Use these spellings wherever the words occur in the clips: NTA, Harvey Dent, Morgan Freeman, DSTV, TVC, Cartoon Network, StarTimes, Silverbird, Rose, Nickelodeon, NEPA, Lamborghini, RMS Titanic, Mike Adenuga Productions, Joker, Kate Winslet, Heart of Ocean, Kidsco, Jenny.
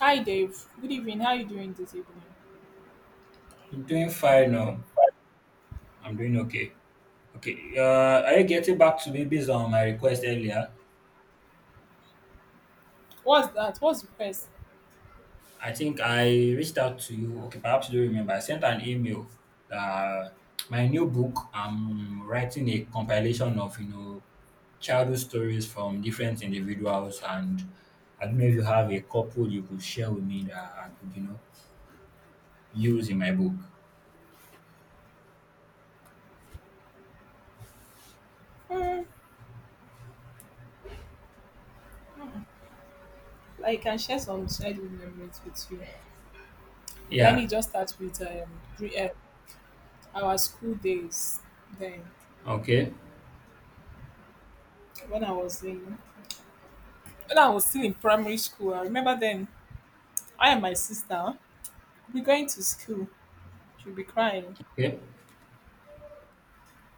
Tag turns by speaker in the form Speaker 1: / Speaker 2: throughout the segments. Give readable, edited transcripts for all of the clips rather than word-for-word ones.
Speaker 1: Hi Dave, good evening. How are you doing this evening?
Speaker 2: I'm doing fine now. I'm doing okay. Okay. Are you getting back to me based on my request earlier?
Speaker 1: What's that? What's the press?
Speaker 2: I think I reached out to you. Okay, perhaps you don't remember. I sent an email that my new book. I'm writing a compilation of childhood stories from different individuals, and I don't know if you have a couple you could share with me that I could use in my book.
Speaker 1: Hmm, I can share some childhood memories with you. Let me
Speaker 2: Yeah.
Speaker 1: just start with our school days. Then,
Speaker 2: Okay.
Speaker 1: when I was in, when I was still in primary school, I remember then I and my sister we going to school. She'll be crying.
Speaker 2: Okay.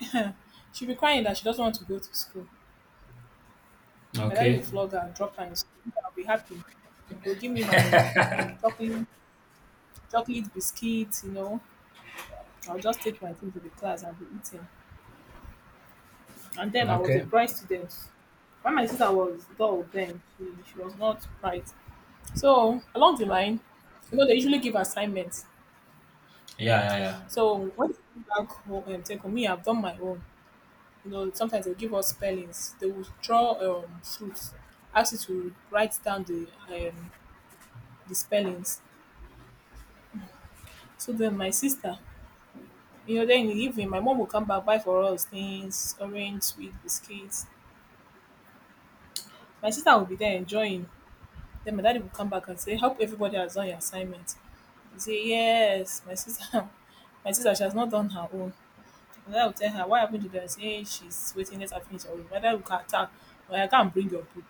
Speaker 1: She'll be crying that she doesn't want to go to school. My daddy will
Speaker 2: Okay.
Speaker 1: flog her and drop her in school. I'll be happy. He'll give me my chocolate, chocolate biscuits, I'll just take my thing to the class and be eating. And then I was a
Speaker 2: Okay.
Speaker 1: bright student. When my sister was dull then, she was not bright. So along the line, they usually give assignments.
Speaker 2: Yeah. Yeah.
Speaker 1: So when they come back home and take home, me, I've done my own. You know, sometimes they give us spellings. They will draw fruits, ask you to write down the um, the spellings. So then my sister, then in the evening, my mom will come back, buy for us things, orange, sweet biscuits. My sister will be there enjoying. Then my daddy will come back and say, "Hope everybody has done your assignment." You say, "Yes," my sister my sister she has not done her own. And I will tell her, "Why haven't you done it?" Say, "Eh, she's waiting, let her finish her own." My dad will go attack, "Or I can bring your book."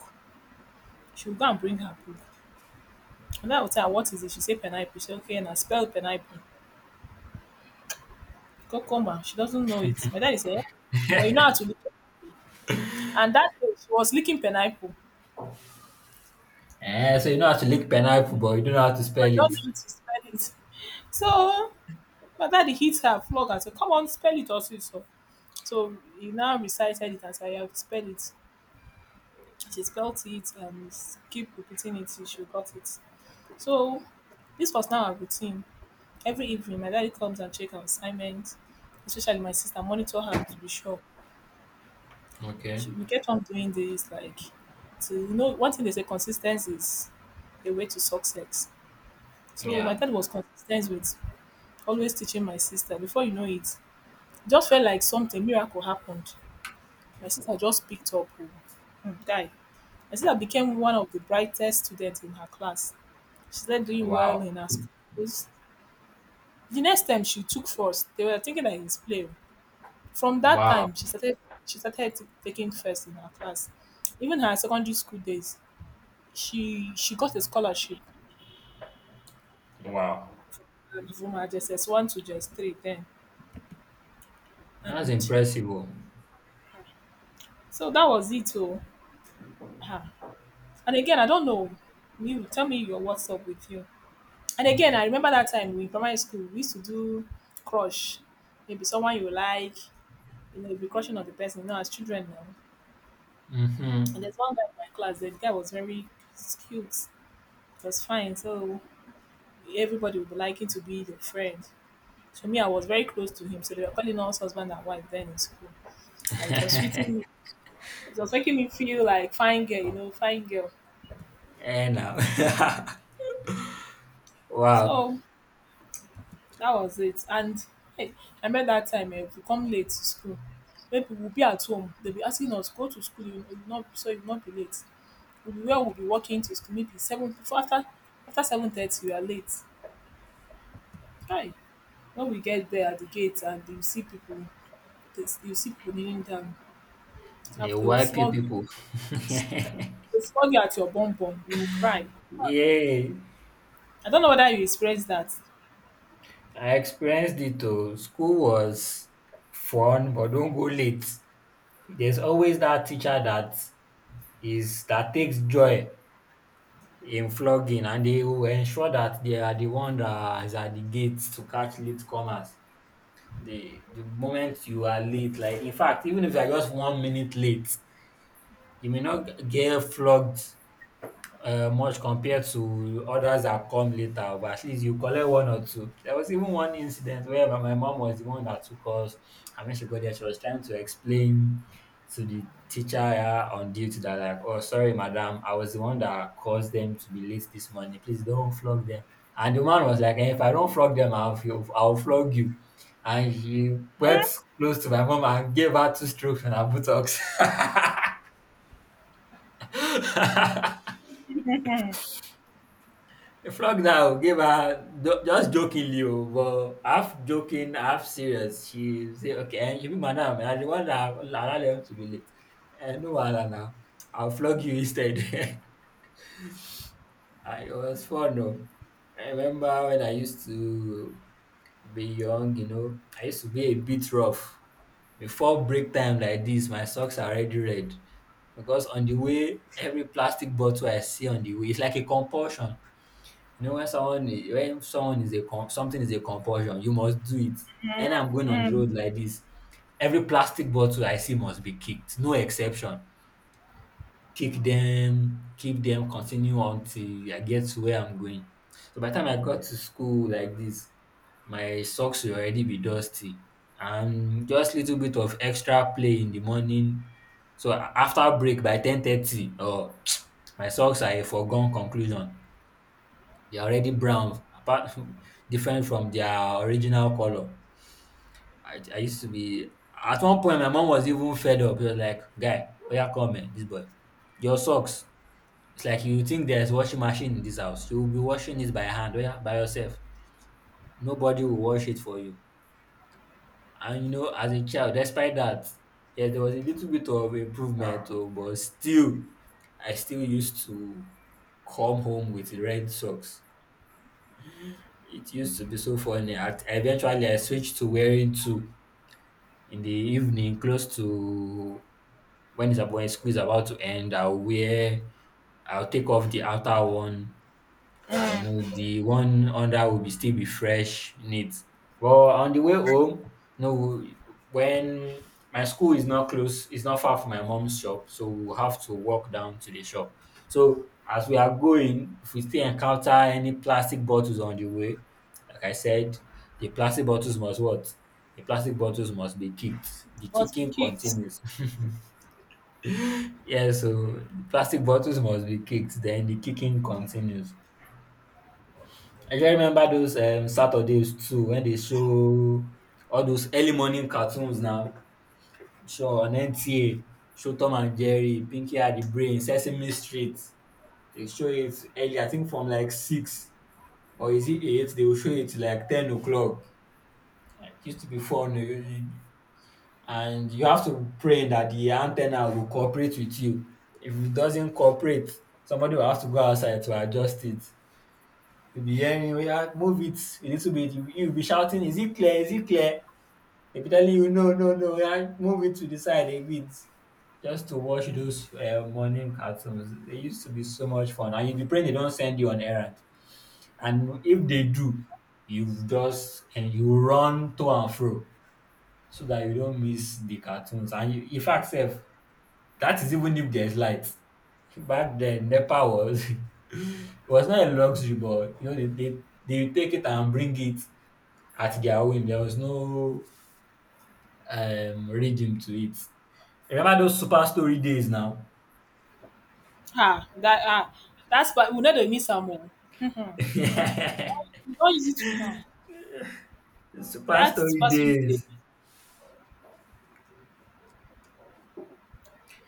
Speaker 1: She will go and bring her book. And I will tell her, "What is it?" She say pineapple. She say, "Okay," and I spell pineapple. Cucumber. She doesn't know it. My daddy said, "But you know
Speaker 2: Yeah.
Speaker 1: how to lick it." And that day she was licking pineapple.
Speaker 2: Eh, so you know how to lick pineapple, but you don't know how to
Speaker 1: But
Speaker 2: spell
Speaker 1: I don't
Speaker 2: it.
Speaker 1: know how to spell it. So My daddy hit her, flog her, said, "Come on, spell it also." So, he now recited it and said, "Yeah, spell it." She spelled it and keep repeating it till she got it. So this was now a routine. Every evening, my daddy comes and checks our assignments, especially my sister, monitor her to be sure.
Speaker 2: Okay.
Speaker 1: We kept on doing this, like, one thing they say consistency is a way to success. So my
Speaker 2: Yeah.
Speaker 1: dad was consistent with always teaching my sister. Before you know it, it just felt like something miracle happened. My sister just picked up, oh. Hmm, guy. My sister became one of the brightest students in her class. She started doing
Speaker 2: Wow.
Speaker 1: well in her schools. The next time she took first, they were thinking that it's play, oh. From that
Speaker 2: Wow.
Speaker 1: time, she started taking first in her class. Even her secondary school days, she got a scholarship
Speaker 2: Wow.
Speaker 1: from her JSS one to JSS three then,
Speaker 2: That's
Speaker 1: and
Speaker 2: impressive. Oh.
Speaker 1: so that was it. Oh, Ah. and again, I don't know. You tell me your what's up with you. And again, I remember that time in primary school, we used to do crush. Maybe someone you like, you'll be crushing on the person, as children now. And
Speaker 2: Mm-hmm.
Speaker 1: there's one guy in my class, the guy was very cute, he was fine, so everybody would be liking to be the friend. So me, I was very close to him, so they were calling us husband and wife then in school. And it was sweeting me. It was making me feel like fine girl, fine girl.
Speaker 2: Eh, now. Wow.
Speaker 1: So that was it. And hey, I remember that time, if you come late to school, maybe we'll be at home. They'll be asking us, go to school, you will not, so you'll not be late. We'll be walking to school, maybe seven before, after 7:30 we are late. Hi. When we get there at the gate, and you see people, you see people kneeling down,
Speaker 2: The
Speaker 1: after they will
Speaker 2: wipe
Speaker 1: flog
Speaker 2: people.
Speaker 1: they will flog you at your bum bum, you will cry.
Speaker 2: Yay.
Speaker 1: I don't know whether you experienced that.
Speaker 2: I experienced it too. School was fun, but don't go late. There's always that teacher that takes joy inflog in flogging, and they will ensure that they are the one that is at the gates to catch late comers. The moment you are late, like in fact, even if you are just 1 minute late, you may not get flogged much compared to others that come later, but at least you collect one or two. There was even one incident where my mom was the one that took us, and when she got there, she was trying to explain to the teacher on duty that, like, "Oh, sorry madam, I was the one that caused them to be late this morning. Please don't flog them," and the man was like, "If I don't flog them, I will flog you," and she went close to my mom and gave her two strokes on her buttocks. A Frog now gave her just jokingly, oh, but half joking, half serious. She say, "Okay, and you be madam, and I the one that allow them to be late. And no wahala now, I'll flog you instead." Ah, it was fun, though. I remember when I used to be young, you know, I used to be a bit rough. Before break time like this, my socks are already red because on the way, every plastic bottle I see on the way, it's like a compulsion. You know, when someone when someone is a something is a compulsion, you must do it. And I'm going on the road like this. Every plastic bottle I see must be kicked, no exception. Kick them, keep them, continue until I get to where I'm going. So by the time I got to school like this, my socks will already be dusty and just little bit of extra play in the morning. So after break by 10:30, oh, my socks are a foregone conclusion. They're already brown, apart different from their original color. I used to be. At one point my mom was even fed up. She was like, "Guy, oya come here, this boy. Your socks. It's like you think there's washing machine in this house. You will be washing it by hand, oya, by yourself. Nobody will wash it for you." And you know, as a child, despite that, yes, there was a little bit of improvement, oh, but still, I still used to come home with red socks. It used to be so funny. At eventually, I switched to wearing two in the evening, close to when it's about, when school is about to end. I'll take off the outer one, and you know the one under will be still be fresh, neat. But on the way home, you know, when my school is not close, it's not far from my mom's shop, so we'll have to walk down to the shop. So as we are going, if we still encounter any plastic bottles on the way, like I said, the plastic bottles must what? The plastic bottles must be kicked. The
Speaker 1: But be
Speaker 2: kicking
Speaker 1: kids,
Speaker 2: continues. Yeah, so the plastic bottles must be kicked, then the kicking continues. I just remember those Saturdays too when they show all those early morning cartoons now. Show on NTA, show Tom and Jerry, Pinky and the Brain, Sesame Street. They show it early, I think from like six, or is it eight? They will show it like 10 o'clock. It used to be fun. Oh, and you have to pray that the antenna will cooperate with you. If it doesn't cooperate, somebody will have to go outside to adjust it. You'll be hearing, "Oya, move it a little bit." You'll be shouting, "Is it clear? Is it clear?" They'll be telling you, "No, no, no. Oya, move it to the side a bit." Just to watch those morning cartoons, they used to be so much fun, and you'll be praying they don't send you on errand. And if they do, you've just and you run to and fro so that you don't miss the cartoons. And you, in fact, sef, that is even if there's light. Back then, NEPA was it was not a luxury, but you know they take it and bring it at their whim. There was no rhythm to it. Remember those Super Story days now?
Speaker 1: that that's, but we know they miss some more.
Speaker 2: Super
Speaker 1: We don't use it now. That's
Speaker 2: Story
Speaker 1: person day.
Speaker 2: days.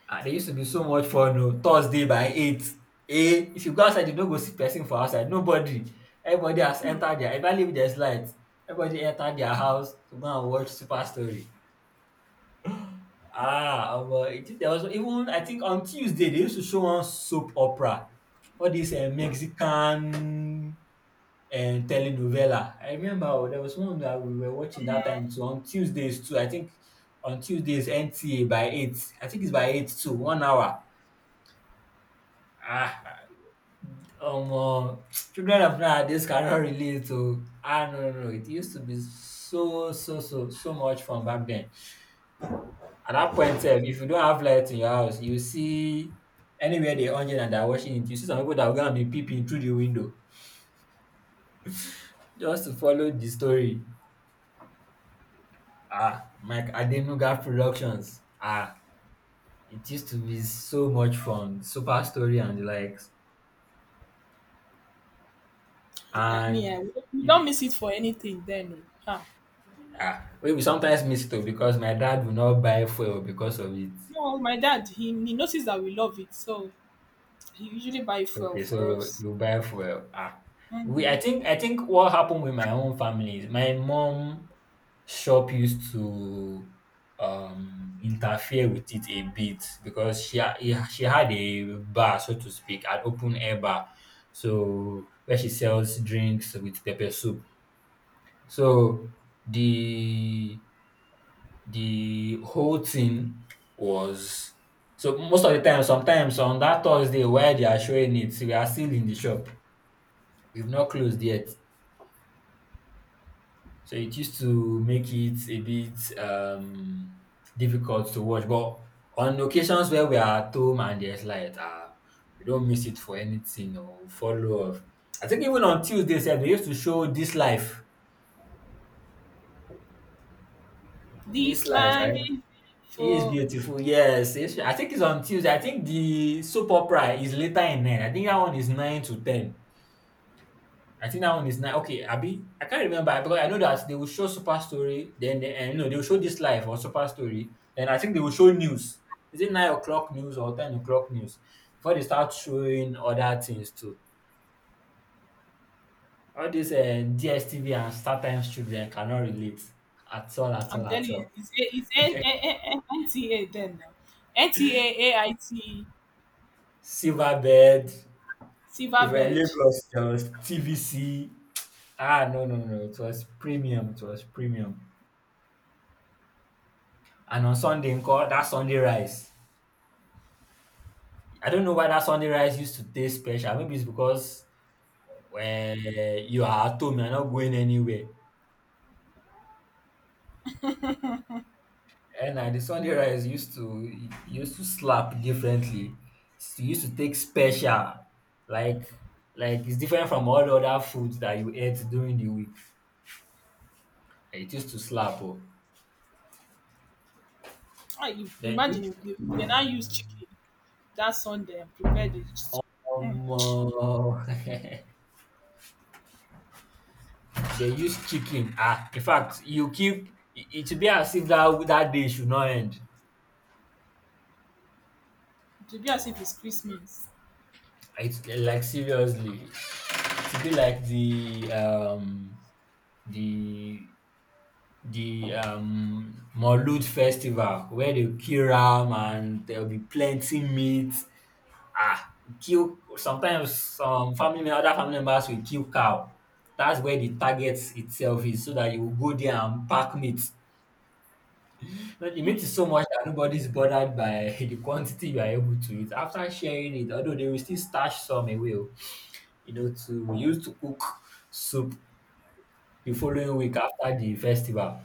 Speaker 2: Ah, they used to be so much fun. Oh. Thursday by 8. Eh, if you go outside, you don't go see person for outside. Nobody. Everybody has entered their, if I leave there's light, everybody entered their house to go and watch Super Story. Ah, but it, there was even, I think on Tuesday, they used to show one soap opera. All these Mexican telenovela. I remember, oh, there was one that we were watching that time too on Tuesdays too. I think on Tuesdays NTA by eight. I think it's by eight too, 1 hour. Ah, omo children of nowadays cannot relate to. Ah, no, no, no, it used to be so so so so much fun back then. At that point sef, if you don't have light in your house, you see anywhere dey on and they are watching it, you see some people that will go and be peeping through the window just to follow the story. Ah, Mike Adenuga Productions. Ah, it used to be so much fun. Super Story and the likes.
Speaker 1: I
Speaker 2: And
Speaker 1: mean, we
Speaker 2: you,
Speaker 1: don't miss it for anything then, oh. Ah.
Speaker 2: ah, we will sometimes miss it, oh, because my dad will not buy fuel because of it.
Speaker 1: No, my dad, he noticed that we love it, so he usually buy fuel
Speaker 2: Okay,
Speaker 1: for
Speaker 2: so
Speaker 1: us.
Speaker 2: you buy fuel. Ah, we. I think. I think what happened with my own family is my mom Shop used to interfere with it a bit, because she had a bar, so to speak, an open air bar, so where she sells drinks with pepper soup. So the the whole thing was so most of the time, sometimes on that Thursday where they are showing it, we are still in the shop. We've not closed yet. So it used to make it a bit difficult to watch. But on occasions where we are at home and there's light, we don't miss it for anything or follow up. I think even on Tuesday, sef, they used to show This Life. This
Speaker 1: This
Speaker 2: Life,
Speaker 1: line
Speaker 2: right?
Speaker 1: is
Speaker 2: It is
Speaker 1: for
Speaker 2: beautiful. Yes, I think it's on Tuesday. I think the soap opera is later in nine. I think that one is nine to ten. I think that one is nine. Okay, Abby, I can't remember because I know that they will show Super Story, then they, and no, they will show this live or Super Story, then I think they will show news. Is it 9 o'clock news or 10 o'clock news? Before they start showing other things too. All these DSTV and StarTimes children cannot relate at all, at all,
Speaker 1: I'm
Speaker 2: at
Speaker 1: telling you,
Speaker 2: all.
Speaker 1: it's NTA then now. NTA, AIT,
Speaker 2: Silverbird, if we're in
Speaker 1: Silverbird.
Speaker 2: Lagos, there was TVC. Ah, no, no, no, no. It was premium. It was premium. And on Sunday, in call that Sunday rice. I don't know why that Sunday rice used to taste special. Maybe it's because when you are at home, you're not going anywhere. And the Sunday rice used to slap differently. It used to take special, like like it's different from all the other foods that you ate during the week. Like, it used to slap. Oh. Then if
Speaker 1: Imagine if they now use chicken that Sunday and prepared it. Mm,
Speaker 2: um, they use chicken. Ah, in fact, you keep it, it should be as if that day should not end.
Speaker 1: it would be as if it's Christmas.
Speaker 2: It's like seriously. To be like the the Maulud festival where they kill ram and there'll be plenty meat. Ah, kill sometimes some other family members will kill cow. That's where the target itself is, so that you will go there and pack meat. But the meat is so much that nobody's bothered by the quantity you are able to eat. After sharing it, although they will still stash some away, oh, to use to cook soup the following week after the festival.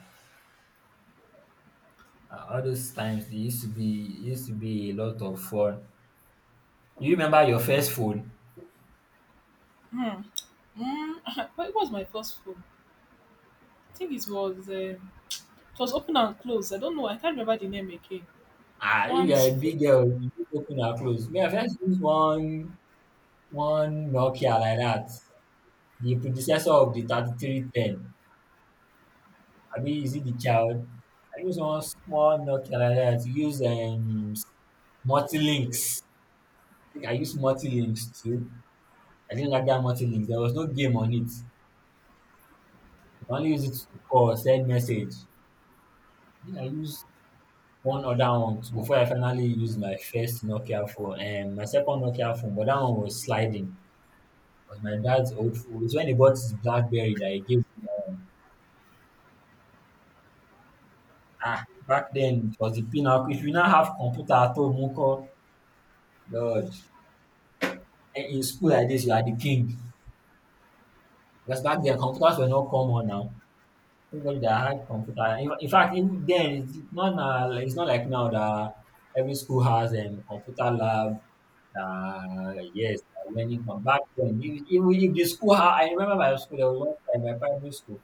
Speaker 2: All those times they used to be a lot of fun. You remember your first phone?
Speaker 1: What was my first phone? I think it was. It was open and closed. I don't know. I can't remember the name again.
Speaker 2: Ah, you are
Speaker 1: Once,
Speaker 2: a big girl, you fit open and close. Me, I first use one Nokia like that, the predecessor of the 3310. Abi is it the child? I use one small Nokia like that. Use multi-links. I think I used multi-links too. I didn't like that multi-links. There was no game on it. You can only use it to call, send message. Think I used one other one too before I finally used my first Nokia phone. My second Nokia phone, but that one was sliding. It was my dad's old phone. It's when he bought his BlackBerry that he gave me that one. Ah, back then it was the pinnacle. If you now have computer at home, Uncle, Lord, and in school like this, you are the king. Because back then computers were not common now. Everybody that had computer. In fact, even then, it's not now, like, it's not like now that every school has a computer lab. Yes, they learning from back then. Even if the school, I remember my school, there was one time, my primary school,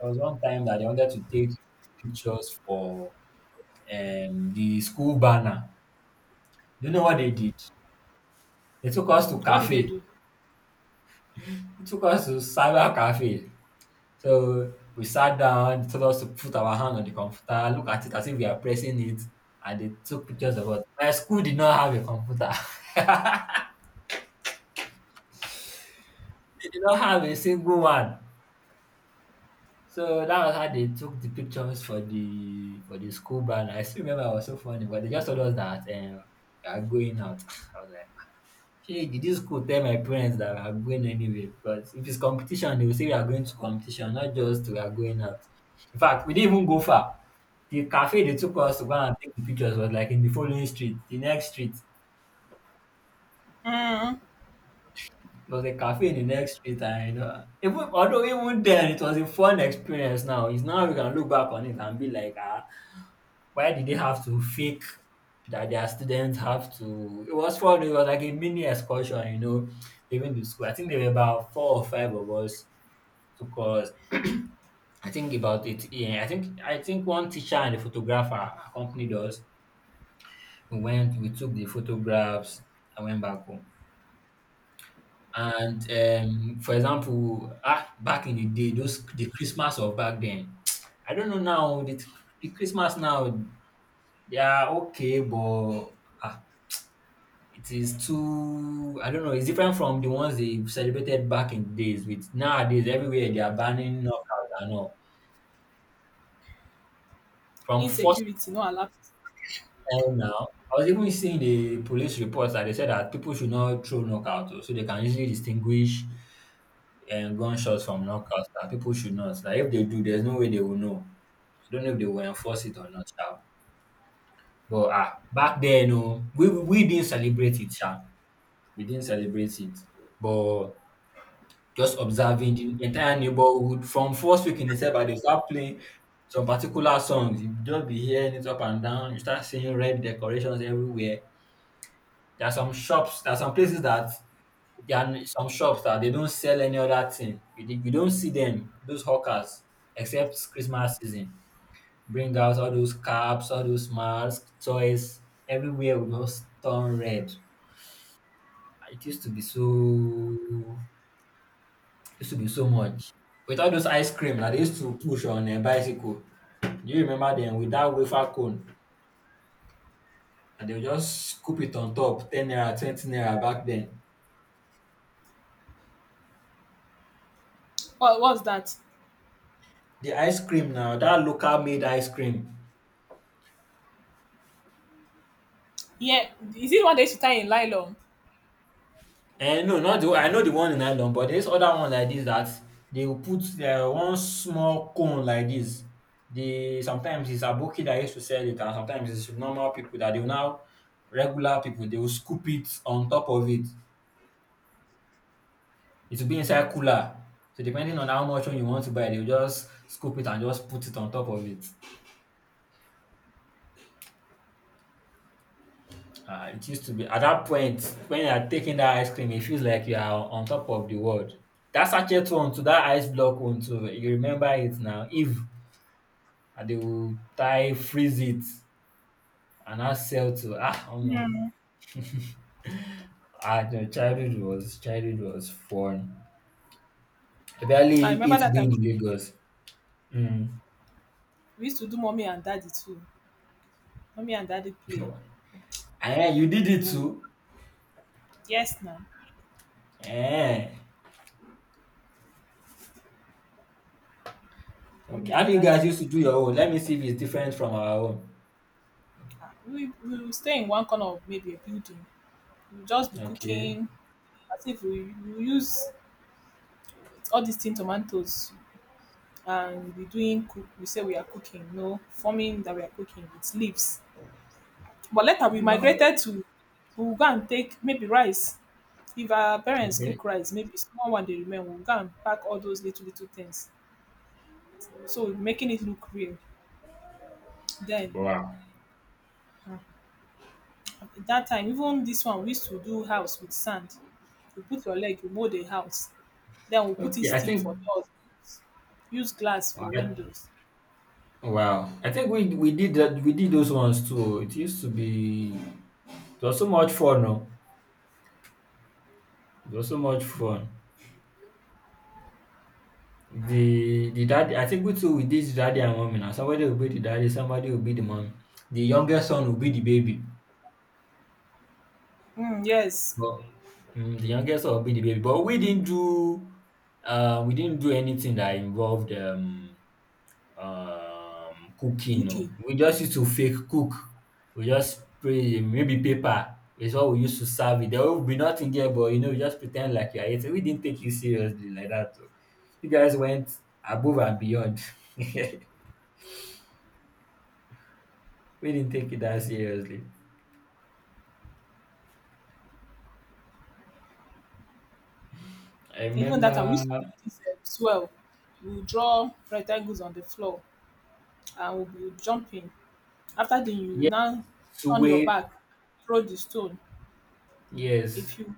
Speaker 2: there was one time that they wanted to take pictures for the school banner. You know what they did? They took us to
Speaker 1: what did they
Speaker 2: cafe.
Speaker 1: do?
Speaker 2: They took us to cyber cafe. So we sat down, they told us to put our hand on the computer, look at it as if we are pressing it, and they took pictures of us. My school did not have a computer. They did not have a single one. So that was how they took the pictures for the school banner. I still remember it was so funny, but they just told us that we are going out. I was like, Shey, did you school tell my parents that we are going anywhere? Because if it's competition, they will say we are going to competition, not just we are going out. In fact, we didn't even go far. The cafe they took us to go and take the pictures was like in the following street, the next street. It was a cafe in the next street, and even although even then it was a fun experience. Now it's now we can look back on it and be like, ah, why did they have to fake that their students have to it was fun, it was like a mini excursion, leaving the school. I think there were about four or five of us took us I think about it yeah, I think one teacher and a photographer accompanied us. We went, we took the photographs and went back home. And for example, ah, back in the day, those the Christmas of back then, I don't know now. The Christmas now, they are okay, but ah, it is too, I don't know, it's different from the ones they celebrated back in the days with nowadays everywhere they are banning knockouts and all. From first
Speaker 1: Insecurity, no lapse.
Speaker 2: time now, I was even seeing the police reports that they said that people should not throw knockouts oh, so they can easily distinguish gunshots from knockouts. That people should not. That if they do, there's no way they will know. I don't know if they will enforce it or not, sha. But ah, back then, no, we didn't celebrate it, sha. We didn't celebrate it. But just observing the entire neighborhood from first week in December, they start playing some particular songs. You just be hearing it up and down. You start seeing red decorations everywhere. There are some shops, there are some places that there are some shops that they don't sell any other thing. You don't see them, those hawkers, except Christmas season. Bring out all those caps, all those masks, toys. Everywhere will just turn red. It used to be so much. With all those ice cream that they used to push on a bicycle. Do you remember them with that wafer cone? And they would just scoop it on top, 10 naira, 20 naira back then.
Speaker 1: What was that?
Speaker 2: The ice cream now, that local made ice cream.
Speaker 1: Yeah, is it what they used to tie in nylon?
Speaker 2: And no, not the I know the one in nylon, but there's other one like this that they will put one small cone like this. They sometimes it's aboki that used to sell it, and sometimes it's normal people that they will now regular people they will scoop it on top of it it will be inside cooler. So depending on how much one you want to buy, they'll just scoop it and just put it on top of it. It used to be at that point when you are taking that ice cream, it feels like you are on top of the world. That sachet one to that ice block one too. You remember it now. If and they will tie freeze it and now sell to ah omo.
Speaker 1: Yeah.
Speaker 2: Ah, no, childhood was fun. I
Speaker 1: I
Speaker 2: barely
Speaker 1: remember
Speaker 2: ate
Speaker 1: that
Speaker 2: being
Speaker 1: time.
Speaker 2: in Lagos. Mm.
Speaker 1: We used to do mommy and daddy too. Mommy and daddy play.
Speaker 2: And you did it
Speaker 1: Oh,
Speaker 2: too.
Speaker 1: yes, now.
Speaker 2: Eh. Okay.
Speaker 1: Mommy
Speaker 2: How
Speaker 1: and
Speaker 2: do you
Speaker 1: daddy.
Speaker 2: guys used to do your
Speaker 1: We,
Speaker 2: own? Let me see if it's different from our own.
Speaker 1: we will stay in one corner of maybe a building. We'll just be
Speaker 2: Okay.
Speaker 1: cooking as if we use all these tin tomatoes, and we'll be doing cook. We say we are cooking, no, forming that we are cooking with leaves. But later we
Speaker 2: Wow.
Speaker 1: migrated to, we will go and take maybe rice. If our parents
Speaker 2: Okay.
Speaker 1: cook rice, maybe small one dey remain, we will go and pack all those little little things, so making it look real. Then
Speaker 2: Wow.
Speaker 1: um at that time, even this one we used to do house with sand. You put your leg, you mold a house. Then we put in
Speaker 2: Okay. I
Speaker 1: stick
Speaker 2: think
Speaker 1: for doors, use glass
Speaker 2: all
Speaker 1: for
Speaker 2: right.
Speaker 1: windows.
Speaker 2: Wow. I think we did that we did those ones too. It used to be it was so much fun, no? It was so much fun. The daddy I think we too we did daddy and mommy now. Somebody will be the daddy, somebody will be the mommy. The youngest son will be the baby.
Speaker 1: Mm, yes,
Speaker 2: Well, the youngest of being the baby, but we didn't do anything that involved cooking. No.
Speaker 1: cooking.
Speaker 2: We just used to fake cook. We just spray maybe paper it's what we used to serve it. There will be nothing there, but you just pretend like you're eating. We didn't take you seriously like that. So, you guys went above and beyond. We didn't take it that seriously. I
Speaker 1: Even that time we used to
Speaker 2: remember
Speaker 1: do this swell. We will draw rectangles on the floor and we will be jumping. After then, you
Speaker 2: yes,
Speaker 1: now turn your
Speaker 2: Suwe,
Speaker 1: back, throw the stone.
Speaker 2: yes.
Speaker 1: If you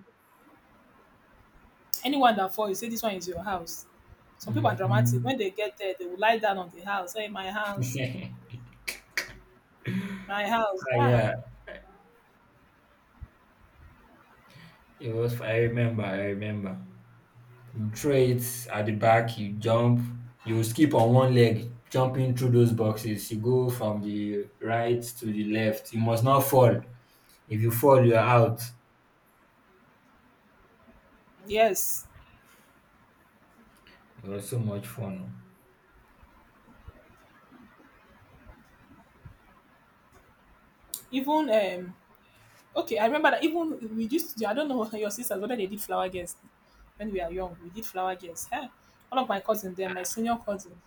Speaker 1: anyone that falls, you say this one is your house. Some people are dramatic.
Speaker 2: Hmm.
Speaker 1: When they get there, they will lie down on the house. "Hey, my house, my house."
Speaker 2: Ah,
Speaker 1: Ah,
Speaker 2: yeah, it was. I remember. I remember. You throw it at the back. You jump. You skip on one leg, jumping through those boxes. You go from the right to the left. You must not fall. If you fall, you are out.
Speaker 1: yes.
Speaker 2: It was so much fun.
Speaker 1: Even okay, I remember that even we used. To, I don't know, your sisters, whether they did flower guests when we are young. We did flower guests. Huh? One of my cousin, then my senior cousin.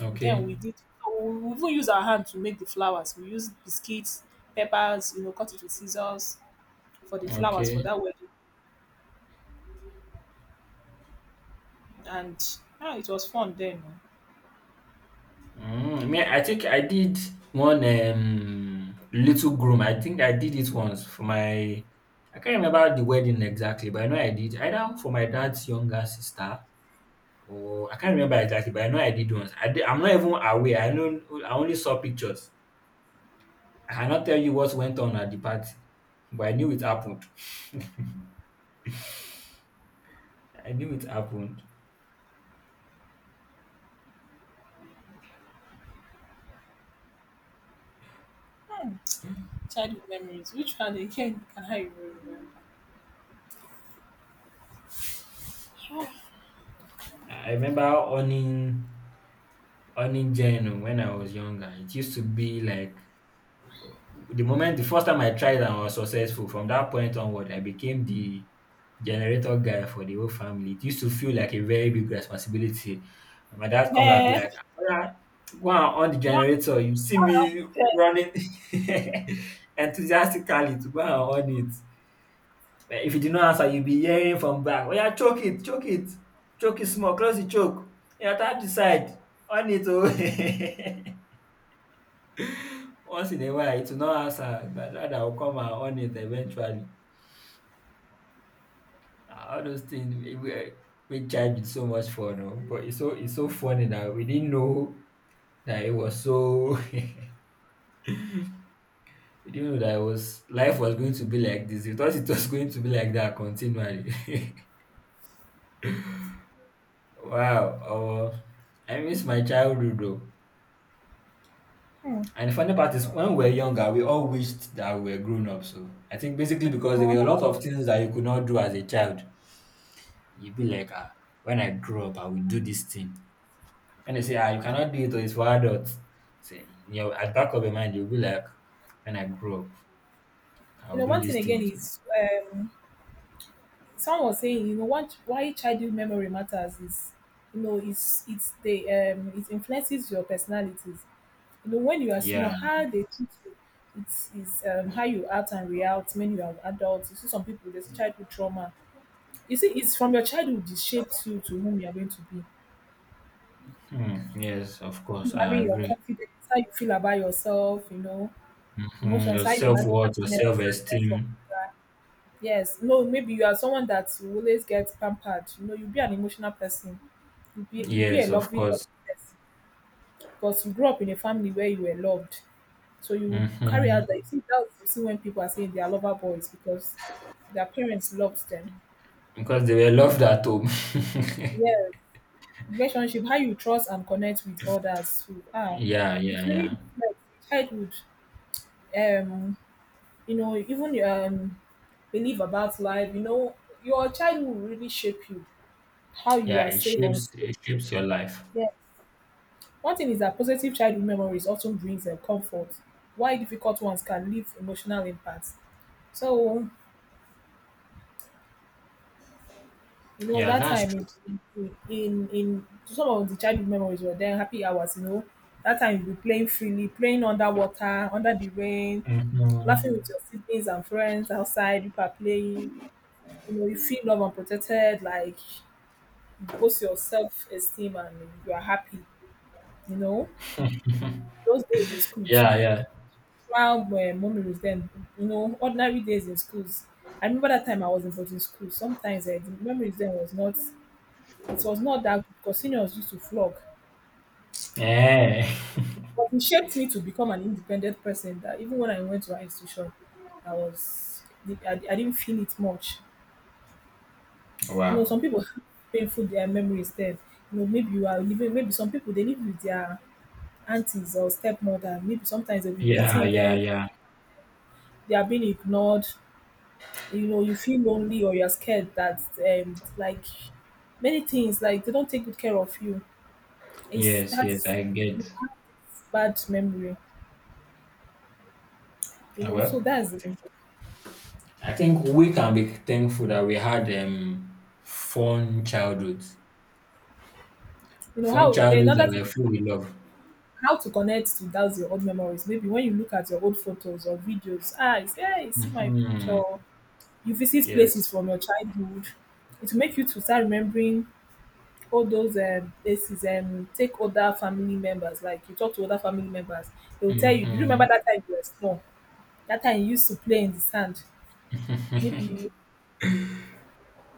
Speaker 2: Okay.
Speaker 1: Then we did. We even use our hand to make the flowers. We use biscuits, peppers, you know, cut it with scissors for the flowers
Speaker 2: Okay.
Speaker 1: for that wedding. And it was fun then, oh.
Speaker 2: Mm, me, I think I did one little groom. I think I did it once for my. I can't remember the wedding exactly, but I know I did either for my dad's younger sister. Oh, I can't remember exactly, but I know I did once. I did, I'm not even aware. I know I only saw pictures. I cannot tell you what went on at the party, but I knew it happened. I knew it happened.
Speaker 1: Childhood memories. Which one again can I even remember?
Speaker 2: I remember owning Jen when I was younger. It used to be like the moment the first time I tried and was successful, from that point onward, I became the generator guy for the whole family. It used to feel like a very big responsibility. And my dad comes and be
Speaker 1: Eh,
Speaker 2: like, "Oya, go and on the
Speaker 1: do
Speaker 2: generator. You see me
Speaker 1: eh,
Speaker 2: running enthusiastically to go and on it. Eh, if you do not answer, you'll be hearing from back, oh, yeah, choke it, choke it, choke it small, close the choke. Yeah, tap the side, on it. Oh. Once in a while, it will not answer, but rather I will come and on it eventually. Ah, all those things we charge it so much fun, oh, but it's so funny that we didn't know that it was so we didn't know that it was life was going to be like this. We thought it was going to be like that continually. Wow, oh, I miss my childhood though. And the funny part is, when we were younger, we all wished that we were grown up. So I think basically because there were a lot of things that you could not do as a child you be like, ah, when I grow up, I will do this thing. When they say, ah, you cannot do it, or it's for adults. Say, at back of your mind, you'll be like, when I grow up,
Speaker 1: You
Speaker 2: I'll
Speaker 1: know,
Speaker 2: do
Speaker 1: one
Speaker 2: this
Speaker 1: thing again
Speaker 2: thing. Too."
Speaker 1: is, someone was saying, what why childhood memory matters is, it's the, it influences your personalities. You know, when you are small,
Speaker 2: Yeah.
Speaker 1: how they teach you, it is, how you act and react when you are adults. You see some people there's a childhood trauma. You see, it's from your childhood it shapes you to whom you are going to be.
Speaker 2: Hmm. Yes, of course, I
Speaker 1: Having your
Speaker 2: agree.
Speaker 1: confidence, how you feel about yourself,
Speaker 2: Hmm.
Speaker 1: emotions,
Speaker 2: Your
Speaker 1: how you
Speaker 2: self
Speaker 1: handle
Speaker 2: worth, your
Speaker 1: happiness,
Speaker 2: self
Speaker 1: sadness, or
Speaker 2: esteem.
Speaker 1: anger. Yes, no, maybe you are someone that you always get pampered. You know, you'll be an emotional person. You'll be a
Speaker 2: Yes, of
Speaker 1: loving, loving
Speaker 2: course.
Speaker 1: person because you grew up in a family where you were loved. So you carry
Speaker 2: Hmm.
Speaker 1: out that. You see, that's you see when people are saying they are lover boys because their parents loved them.
Speaker 2: Because they were loved at home.
Speaker 1: Yes, relationship, how you trust and connect with others too.
Speaker 2: Yeah,
Speaker 1: It
Speaker 2: yeah,
Speaker 1: really
Speaker 2: yeah.
Speaker 1: reflects childhood. Um, Even your, belief about life, your childhood will really shape you, how you
Speaker 2: Yeah,
Speaker 1: are
Speaker 2: it
Speaker 1: safe or
Speaker 2: shapes
Speaker 1: unsafe.
Speaker 2: it shapes your life.
Speaker 1: Yes, one thing is that positive childhood memories often brings comfort, while difficult ones can leave emotional impacts. So,
Speaker 2: Yeah,
Speaker 1: that
Speaker 2: that's true.
Speaker 1: time, in some of the childhood memories were there happy hours, that time you be playing freely, playing underwater under the rain,
Speaker 2: Hmm.
Speaker 1: laughing with your siblings and friends outside you are playing, you feel love and protected, like boost your self-esteem and you are happy, you know. Those days in school too,
Speaker 2: Yeah, yeah.
Speaker 1: while my mommy was then, ordinary days in schools. I remember that time I was in boarding school. Sometimes, the memories then was not, it was not that good because seniors used to flog.
Speaker 2: Eh.
Speaker 1: But it shaped me to become an independent person that even when I went to our institution, I was, I didn't feel it much. You know,
Speaker 2: Wow.
Speaker 1: some people have painful their memories then. You know, maybe you are living, maybe some people, they live with their aunties or stepmother, maybe sometimes they'll be
Speaker 2: Yeah,
Speaker 1: beating
Speaker 2: yeah,
Speaker 1: them,
Speaker 2: yeah.
Speaker 1: they are being ignored. You know, you feel lonely or you're scared that like many things, like they don't take good care of you. It's
Speaker 2: Yes, yes,
Speaker 1: That's
Speaker 2: I get.
Speaker 1: bad memory, you
Speaker 2: Ah,
Speaker 1: know, so
Speaker 2: well,
Speaker 1: that's it.
Speaker 2: I think we can be thankful that we had fun childhoods,
Speaker 1: You know
Speaker 2: fun
Speaker 1: how
Speaker 2: childhoods
Speaker 1: another
Speaker 2: that were
Speaker 1: thing,
Speaker 2: full with love.
Speaker 1: how to connect to those your old memories, maybe when you look at your old photos or videos, ah, you say, hey, you see my picture,
Speaker 2: Hmm.
Speaker 1: you visit places
Speaker 2: Yes.
Speaker 1: from your childhood, it will make you to start remembering all those places, take other family members. Like you talk to other family members, they will tell you, "Do you
Speaker 2: Hmm.
Speaker 1: remember that time you were small? That time you used to play in the sand. Maybe you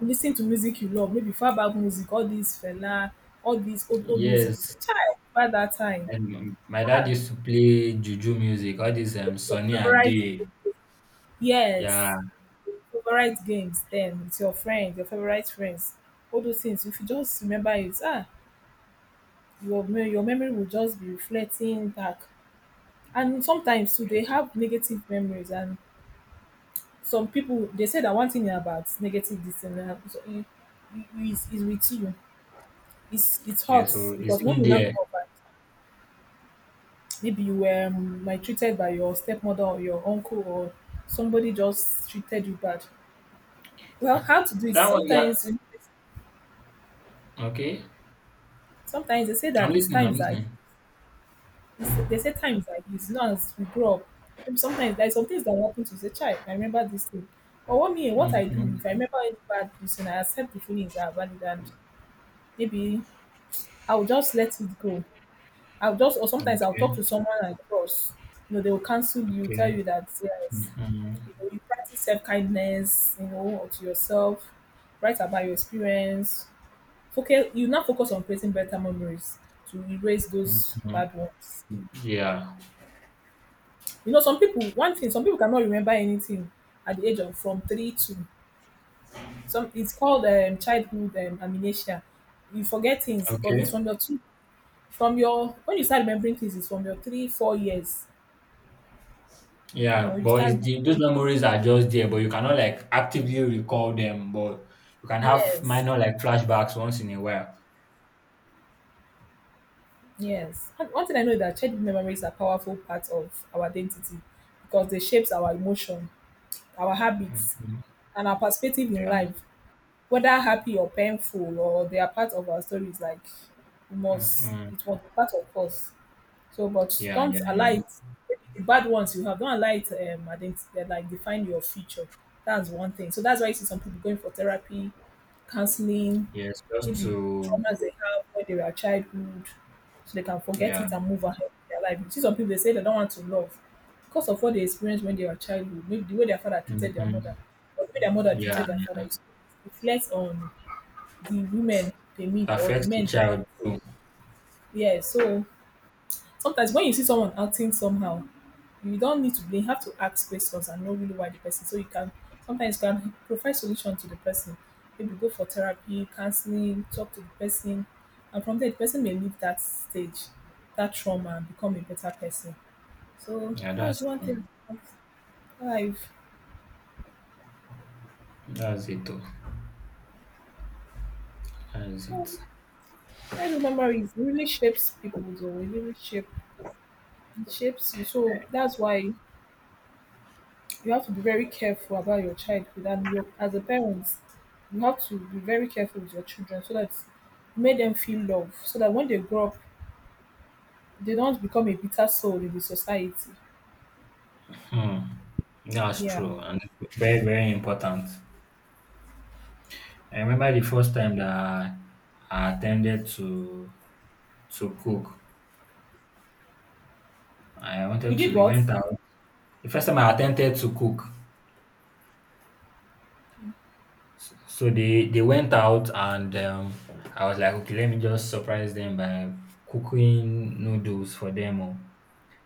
Speaker 1: listen to music you love, maybe far back music, all these fella, all these old old music." You say,
Speaker 2: Yes.
Speaker 1: "Child, by that time?
Speaker 2: And my dad
Speaker 1: Ah,
Speaker 2: used to play juju music, all this
Speaker 1: your
Speaker 2: Sunny
Speaker 1: favorite,
Speaker 2: Ade. Yeah.
Speaker 1: yes, your favorite games then with your friends, your favorite friends, all those things. If you just remember it, ah, your memory will just be reflecting back." And sometimes too, they have negative memories, and some people they say that, one thing about negative this and that happens, so it's with you. It
Speaker 2: Yeah,
Speaker 1: hurts
Speaker 2: so it's
Speaker 1: because when
Speaker 2: in
Speaker 1: you now
Speaker 2: there.
Speaker 1: grow up, and maybe you were maltreated by your stepmother or your uncle or somebody just treated you bad. Well,
Speaker 2: Ah,
Speaker 1: how to do it?
Speaker 2: that one, yeah.
Speaker 1: Sometimes,
Speaker 2: Okay.
Speaker 1: sometimes they say
Speaker 2: I'm
Speaker 1: that it's
Speaker 2: listening, I'm
Speaker 1: times that
Speaker 2: listening.
Speaker 1: They say times like this, you know, as we grow up, maybe sometimes there's some things that happen to you, child, I remember this thing. But what me, what I do, if I
Speaker 2: Hmm.
Speaker 1: remember any bad reason, I accept the feelings are valid and maybe I'll just let it go. I'll just, or sometimes I'll talk
Speaker 2: Okay.
Speaker 1: to someone I trust. You know, they will counsel you, tell
Speaker 2: Okay.
Speaker 1: you that, yes,
Speaker 2: Mhm,
Speaker 1: you know, you practice self kindness, you know, to yourself, write about your experience. Focus, you now focus on creating better memories to erase those
Speaker 2: mhm.
Speaker 1: bad ones.
Speaker 2: Yeah.
Speaker 1: You know, some people one thing, some people cannot remember anything at the age of from 3 to some. It's called childhood amnesia. You forget things, but it's
Speaker 2: Okay.
Speaker 1: from your 2, from your when you start remembering things, it's from your 3-4 years. You know,
Speaker 2: Yeah,
Speaker 1: you
Speaker 2: but
Speaker 1: start
Speaker 2: it's the, those memories are just there, but you cannot like actively recall them. But you can have
Speaker 1: Yes,
Speaker 2: minor like flashbacks once in a while.
Speaker 1: yes. And one thing I know is that childhood memories are powerful part of our identity, because they shapes our emotion, our habits,
Speaker 2: Mhm.
Speaker 1: and our perspective in
Speaker 2: Yeah.
Speaker 1: life, whether happy or painful, or they are part of our stories. Like we must,
Speaker 2: Mhm.
Speaker 1: it was part of us. So, but
Speaker 2: Yeah.
Speaker 1: don't
Speaker 2: Yeah.
Speaker 1: allow
Speaker 2: Yeah.
Speaker 1: it, the bad ones you have, don't allow it identi like define your future. That's one thing. So that's why you see some people going for therapy, counseling,
Speaker 2: Yes. Just
Speaker 1: maybe
Speaker 2: to.
Speaker 1: traumas they have when they were childhood, so they can forget
Speaker 2: Yeah.
Speaker 1: it and move ahead with their life. You see some people, they say they don't want to love because of what they experienced when they were childhood, maybe the way their father treated their
Speaker 2: Mhm.
Speaker 1: mother, or the way their mother
Speaker 2: Yeah.
Speaker 1: treated their father. It reflects on the women they
Speaker 2: It
Speaker 1: meet or the
Speaker 2: affects the
Speaker 1: men they,
Speaker 2: child too.
Speaker 1: yeah, so sometimes when you see someone acting somehow, you don't need to blame, you have to ask questions and know really why the person. So you can sometimes you can provide solution to the person. Maybe go for therapy, counseling, talk to the person, and from there the person may leave that stage, that trauma, and become a better person. So
Speaker 2: Yeah.
Speaker 1: that's
Speaker 2: That's
Speaker 1: one thing
Speaker 2: true.
Speaker 1: about life.
Speaker 2: That's it. Too. That's
Speaker 1: So
Speaker 2: it.
Speaker 1: childhood memories really shapes people though. It really shape, it shapes you. So that's why you have to be very careful about your childhood and your, as a parent, you have to be very careful with your children so that you make them feel love so that when they grow up they don't become a bitter soul in the society,
Speaker 2: Hmm. That's
Speaker 1: yeah.
Speaker 2: true, and it's very very important. I remember the first time that I attempted to cook. I
Speaker 1: You
Speaker 2: wanted to.
Speaker 1: did
Speaker 2: They
Speaker 1: what?
Speaker 2: went out. The first time I attempted to cook, so they went out and I was like, okay, let me just surprise them by cooking noodles for them. Oh.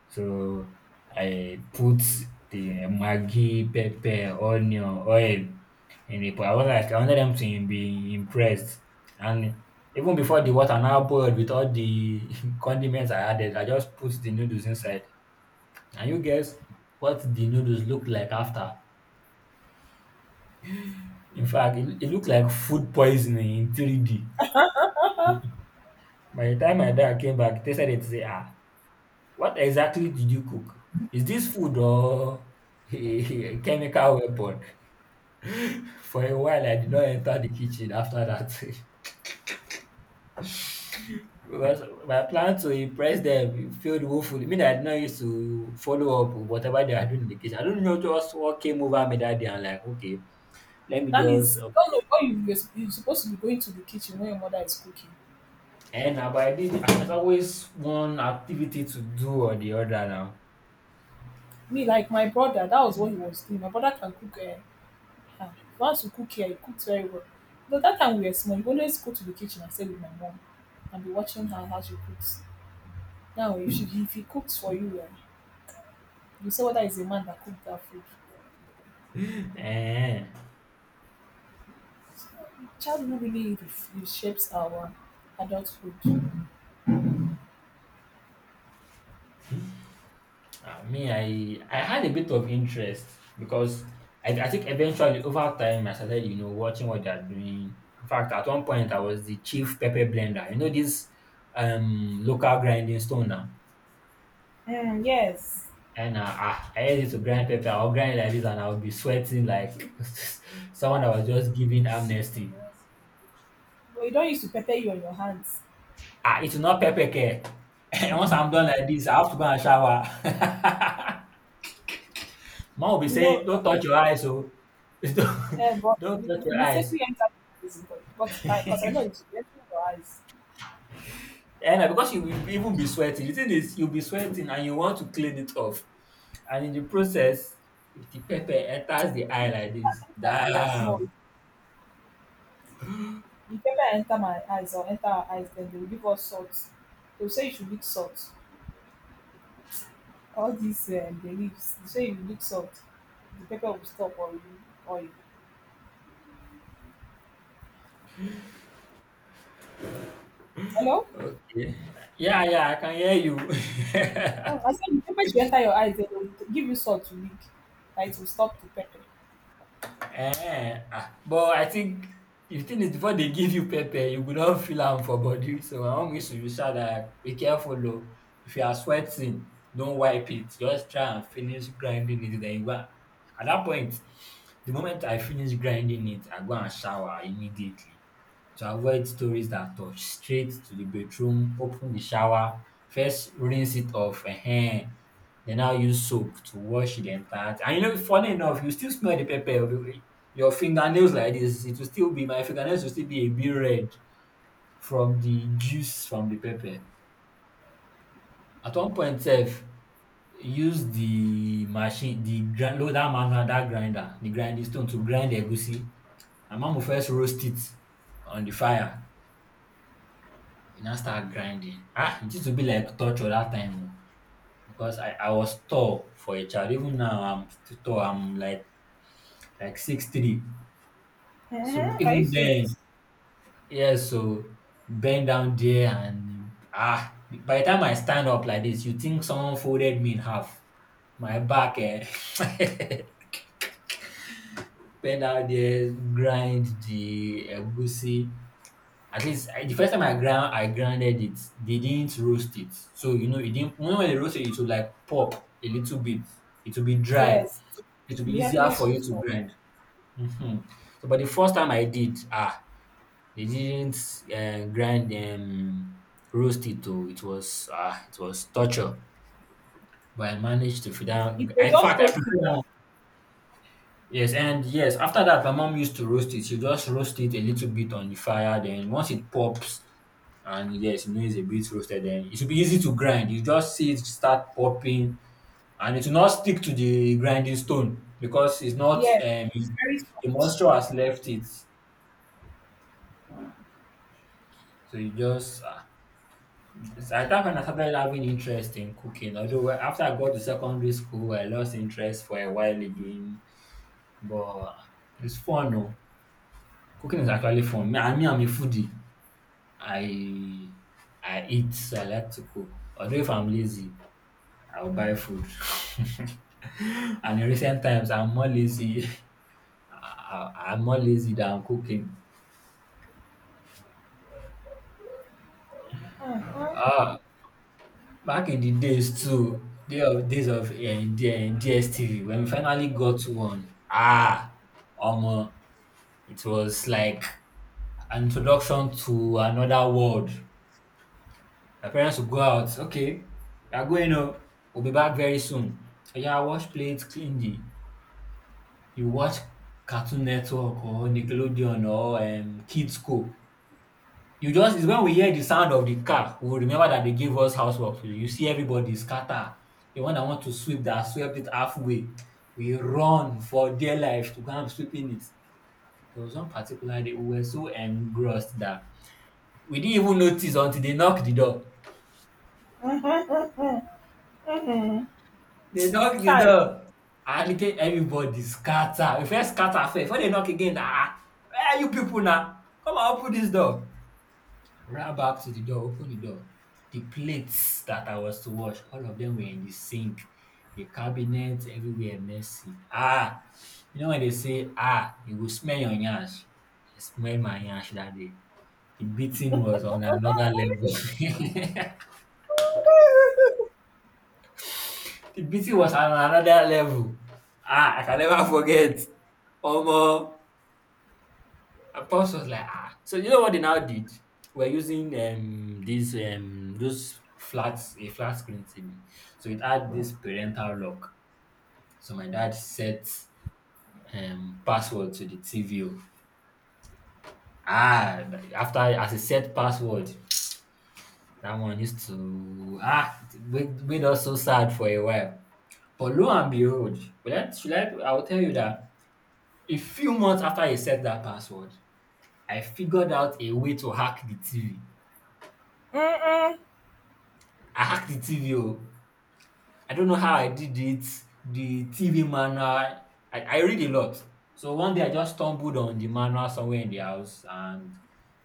Speaker 2: So, I put the maggi, pepper, onion, oil in the pot. I was like I wanted them to be impressed and even before the water now boiled with all the condiments I added, I just put the noodles inside. Can you guess what the noodles looked like after? In fact, it looked like food poisoning in 3D. By the time my dad came back, tasted it, he said, "Ah, what exactly did you cook? Is this food or a chemical weapon?" For a while, I did not enter the kitchen after that. Because my plan to impress them failed woefully. I mean, I did not used to follow up with whatever they are doing in the kitchen. I don't know just what came over me that day. I'm like, okay, let me
Speaker 1: That
Speaker 2: just.
Speaker 1: means,
Speaker 2: Okay.
Speaker 1: don't know why you're supposed to be going to the kitchen when your mother is cooking.
Speaker 2: And now, but I did. There's always one activity to do or the other now.
Speaker 1: Me, like my brother, that was what he was doing. My brother can cook, eh, ah, he wants to cook here, he cooks very well. But that time we were small, he always go to the kitchen and stay with my mom and be watching her how she cooks. Now, if, she, if he cooks for you, eh, you say whether it's a man that cooked that food.
Speaker 2: Eh.
Speaker 1: Childhood really ref- it shapes our adulthood.
Speaker 2: Me, I had a bit of interest because I think eventually over time I started, you know, watching what they're doing. In fact, at one point I was the chief pepper blender. You know this local grinding stone now.
Speaker 1: Mm, yes.
Speaker 2: And I used to grind pepper. I'll grind like this, and I'll be sweating like someone
Speaker 1: Why?
Speaker 2: that was just giving amnesty.
Speaker 1: Well, you don't use to prepare you on your hands.
Speaker 2: Ah, it's not pepper care. And once I'm done like this, I have to go and shower. Mom will be
Speaker 1: No.
Speaker 2: saying, "Don't touch your eyes, oh, don't,
Speaker 1: But
Speaker 2: don't
Speaker 1: you
Speaker 2: touch
Speaker 1: you
Speaker 2: your eyes."
Speaker 1: mistakenly enter prison, but because I know it's you enter your eyes.
Speaker 2: And because you will even be sweating. The thing is, you'll be sweating and you want to clean it off. And in the process, if the pepper enters the eye
Speaker 1: But
Speaker 2: like
Speaker 1: that
Speaker 2: this,
Speaker 1: time we were small,
Speaker 2: damn.
Speaker 1: if ever enter my eyes or enter our eyes, then they will give us salt. They will say you should eat salt, all these the leaves. You say you look soft, the pepper will stop or you or you. Hello?
Speaker 2: Okay. Yeah, yeah, I can hear you.
Speaker 1: Oh, I said the pepper should enter your eyes, then they will give you salt to lick. That it will stop the pepper.
Speaker 2: Ah, but I think the thing is before they give you pepper, you go don feel am for body. So I wan make to you shout dat be careful oh. If you are sweating, don't wipe it. Just try and finish grinding it then you go at that point, the moment I finish grinding it, I go and shower immediately to avoid stories that touch straight to the bedroom, open the shower, first rinse it off, ehen. Then now use soap to wash the entire thing. And you know, funny enough, you still smell the pepper. Your fingernails like this, it will still be my fingernails will still be a bit red from the juice from the pepper. At one point sef, use the machine, the grind no dat man dat grinder, the grinding stone to grind egusi. My mom will first roast it on the fire you now start grinding. Ah, it used to be like torture that time oh, because I was tall for a child. Even now I'm still tall. I'm like 6'3". So
Speaker 1: Mm-hmm. Are you
Speaker 2: even then,
Speaker 1: serious?
Speaker 2: yeah. So bend down there and by the time I stand up like this, you think someone folded me in half. My back, eh? Bend down there, grind the egusi. At least I, the first time I grounded it, they didn't roast it. So you know it didn't when they roast it, it would like pop a little bit. It will be dry.
Speaker 1: Yes,
Speaker 2: It will be
Speaker 1: the
Speaker 2: easier
Speaker 1: hardness
Speaker 2: for
Speaker 1: will
Speaker 2: you to
Speaker 1: stop.
Speaker 2: grind. Hmm. So, but the first time I did, ah, they didn't grind roast it. Oh, it was it was torture. But I managed to figure out.
Speaker 1: If they
Speaker 2: In
Speaker 1: just
Speaker 2: fact, I
Speaker 1: roast it,
Speaker 2: prepared. Yes, and yes, after that, my mom used to roast it. She just roast it a little bit on the fire. Then once it pops, and yes, you know it's a bit roasted. Then it should be easy to grind. You just see it start popping, and it will not stick to the grinding stone because it's not
Speaker 1: yes, it will
Speaker 2: it's-
Speaker 1: be very
Speaker 2: the
Speaker 1: soft.
Speaker 2: moisture has left it. So you just at that point I started having interest in cooking. Although after I got to secondary school, I lost interest for a while again. But it's fun, no? Cooking is actually fun. Me, I mean, I'm a foodie. I I eat. So I like to cook. Although if I'm lazy, I'll buy food. And in recent times, I'm more lazy. I'm more lazy than cooking.
Speaker 1: Mm-hmm.
Speaker 2: Ah, back in the days too, day of days of DSTV, when we finally got to one, um, it was like an introduction to another world. My parents would go out. Okay, we are going. Oh, we'll be back very soon. So yeah, wash plates, clean the you watch Cartoon Network or Nickelodeon or Kidsco. You just it's when we hear the sound of the car, we will remember that they gave us housework to do. You see everybody scatter. The one that want to sweep that swept it halfway. We run for dear life to go and sweeping it. There was one particular day we were so engrossed that we didn't even notice until they knocked the door.
Speaker 1: Mm-hmm.
Speaker 2: They knocked the
Speaker 1: Chai.
Speaker 2: door. And again, everybody scatter. We first scatter first. When they knock again, ah, where are you people now? Come and open this door. Ran back to the door, opened the door. The plates that I was to wash, all of them were in the sink. The cabinet everywhere messy. Ah, you know when they say, ah, you will smell your yansh. I smelled my yansh that day. The beating was on another level. The beating was on another level. Ah, I can never forget. Omo, and Pops was like, ah. So you know what they now did? We're using these those flats a flat screen TV. So it had this parental lock. So my dad set password to the TV. Oh. Ah, after as he set password, that one used to it made us so sad for a while. But lo and behold, should I? I will tell you that a few months after he set that password, I figured out a way to hack the TV. I hacked the TV. Oh. I don't know how I did it. The TV manual. I read a lot. So one day I just stumbled on the manual somewhere in the house and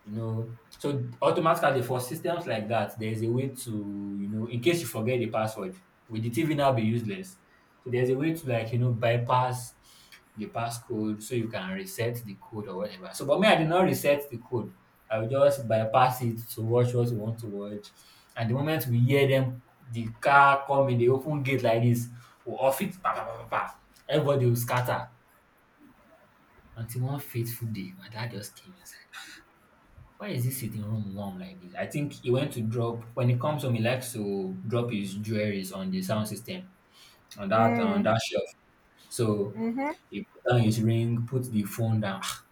Speaker 2: you know so automatically for systems like that there's a way to you know in case you forget the password will the TV now be useless so there's a way to like you know bypass the passcode so you can reset the code or whatever. So but me, I did not reset the code. I will just bypass it to watch what we want to watch. And the moment we hear them the car coming, they open gate like this, we'll off it, pa, pa, pa, pa, pa. Everybody will scatter. Until one fateful day, my dad just came inside. Why is he sitting room warm like this? I think he went to drop when he comes home, he likes to drop his jewelries on the sound system on that shelf. So
Speaker 1: Mm-hmm.
Speaker 2: he put down his ring, put the phone down. Ah,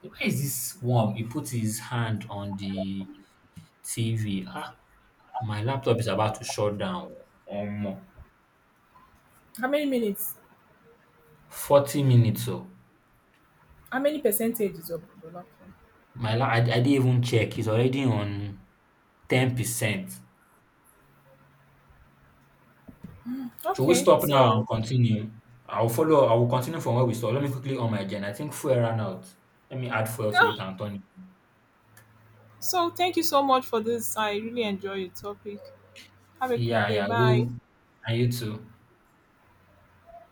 Speaker 2: why is this warm? He put his hand on the TV. Ah, my laptop is about to shut down. Um,
Speaker 1: How many minutes?
Speaker 2: 40 minutes. So
Speaker 1: How many percentages of the bulak?
Speaker 2: I didn't even check. It's already on 10%. Should we
Speaker 1: Okay,
Speaker 2: stop now and
Speaker 1: so.
Speaker 2: continue? I'll follow. I will continue from where we stopped. Let me quickly on my agenda. I think fuel ran out. Let me add fuel to it and turn it.
Speaker 1: So, thank you so much for this. I really enjoy your topic. Have a good
Speaker 2: Yeah,
Speaker 1: day.
Speaker 2: yeah.
Speaker 1: Bye.
Speaker 2: We'll, and you too.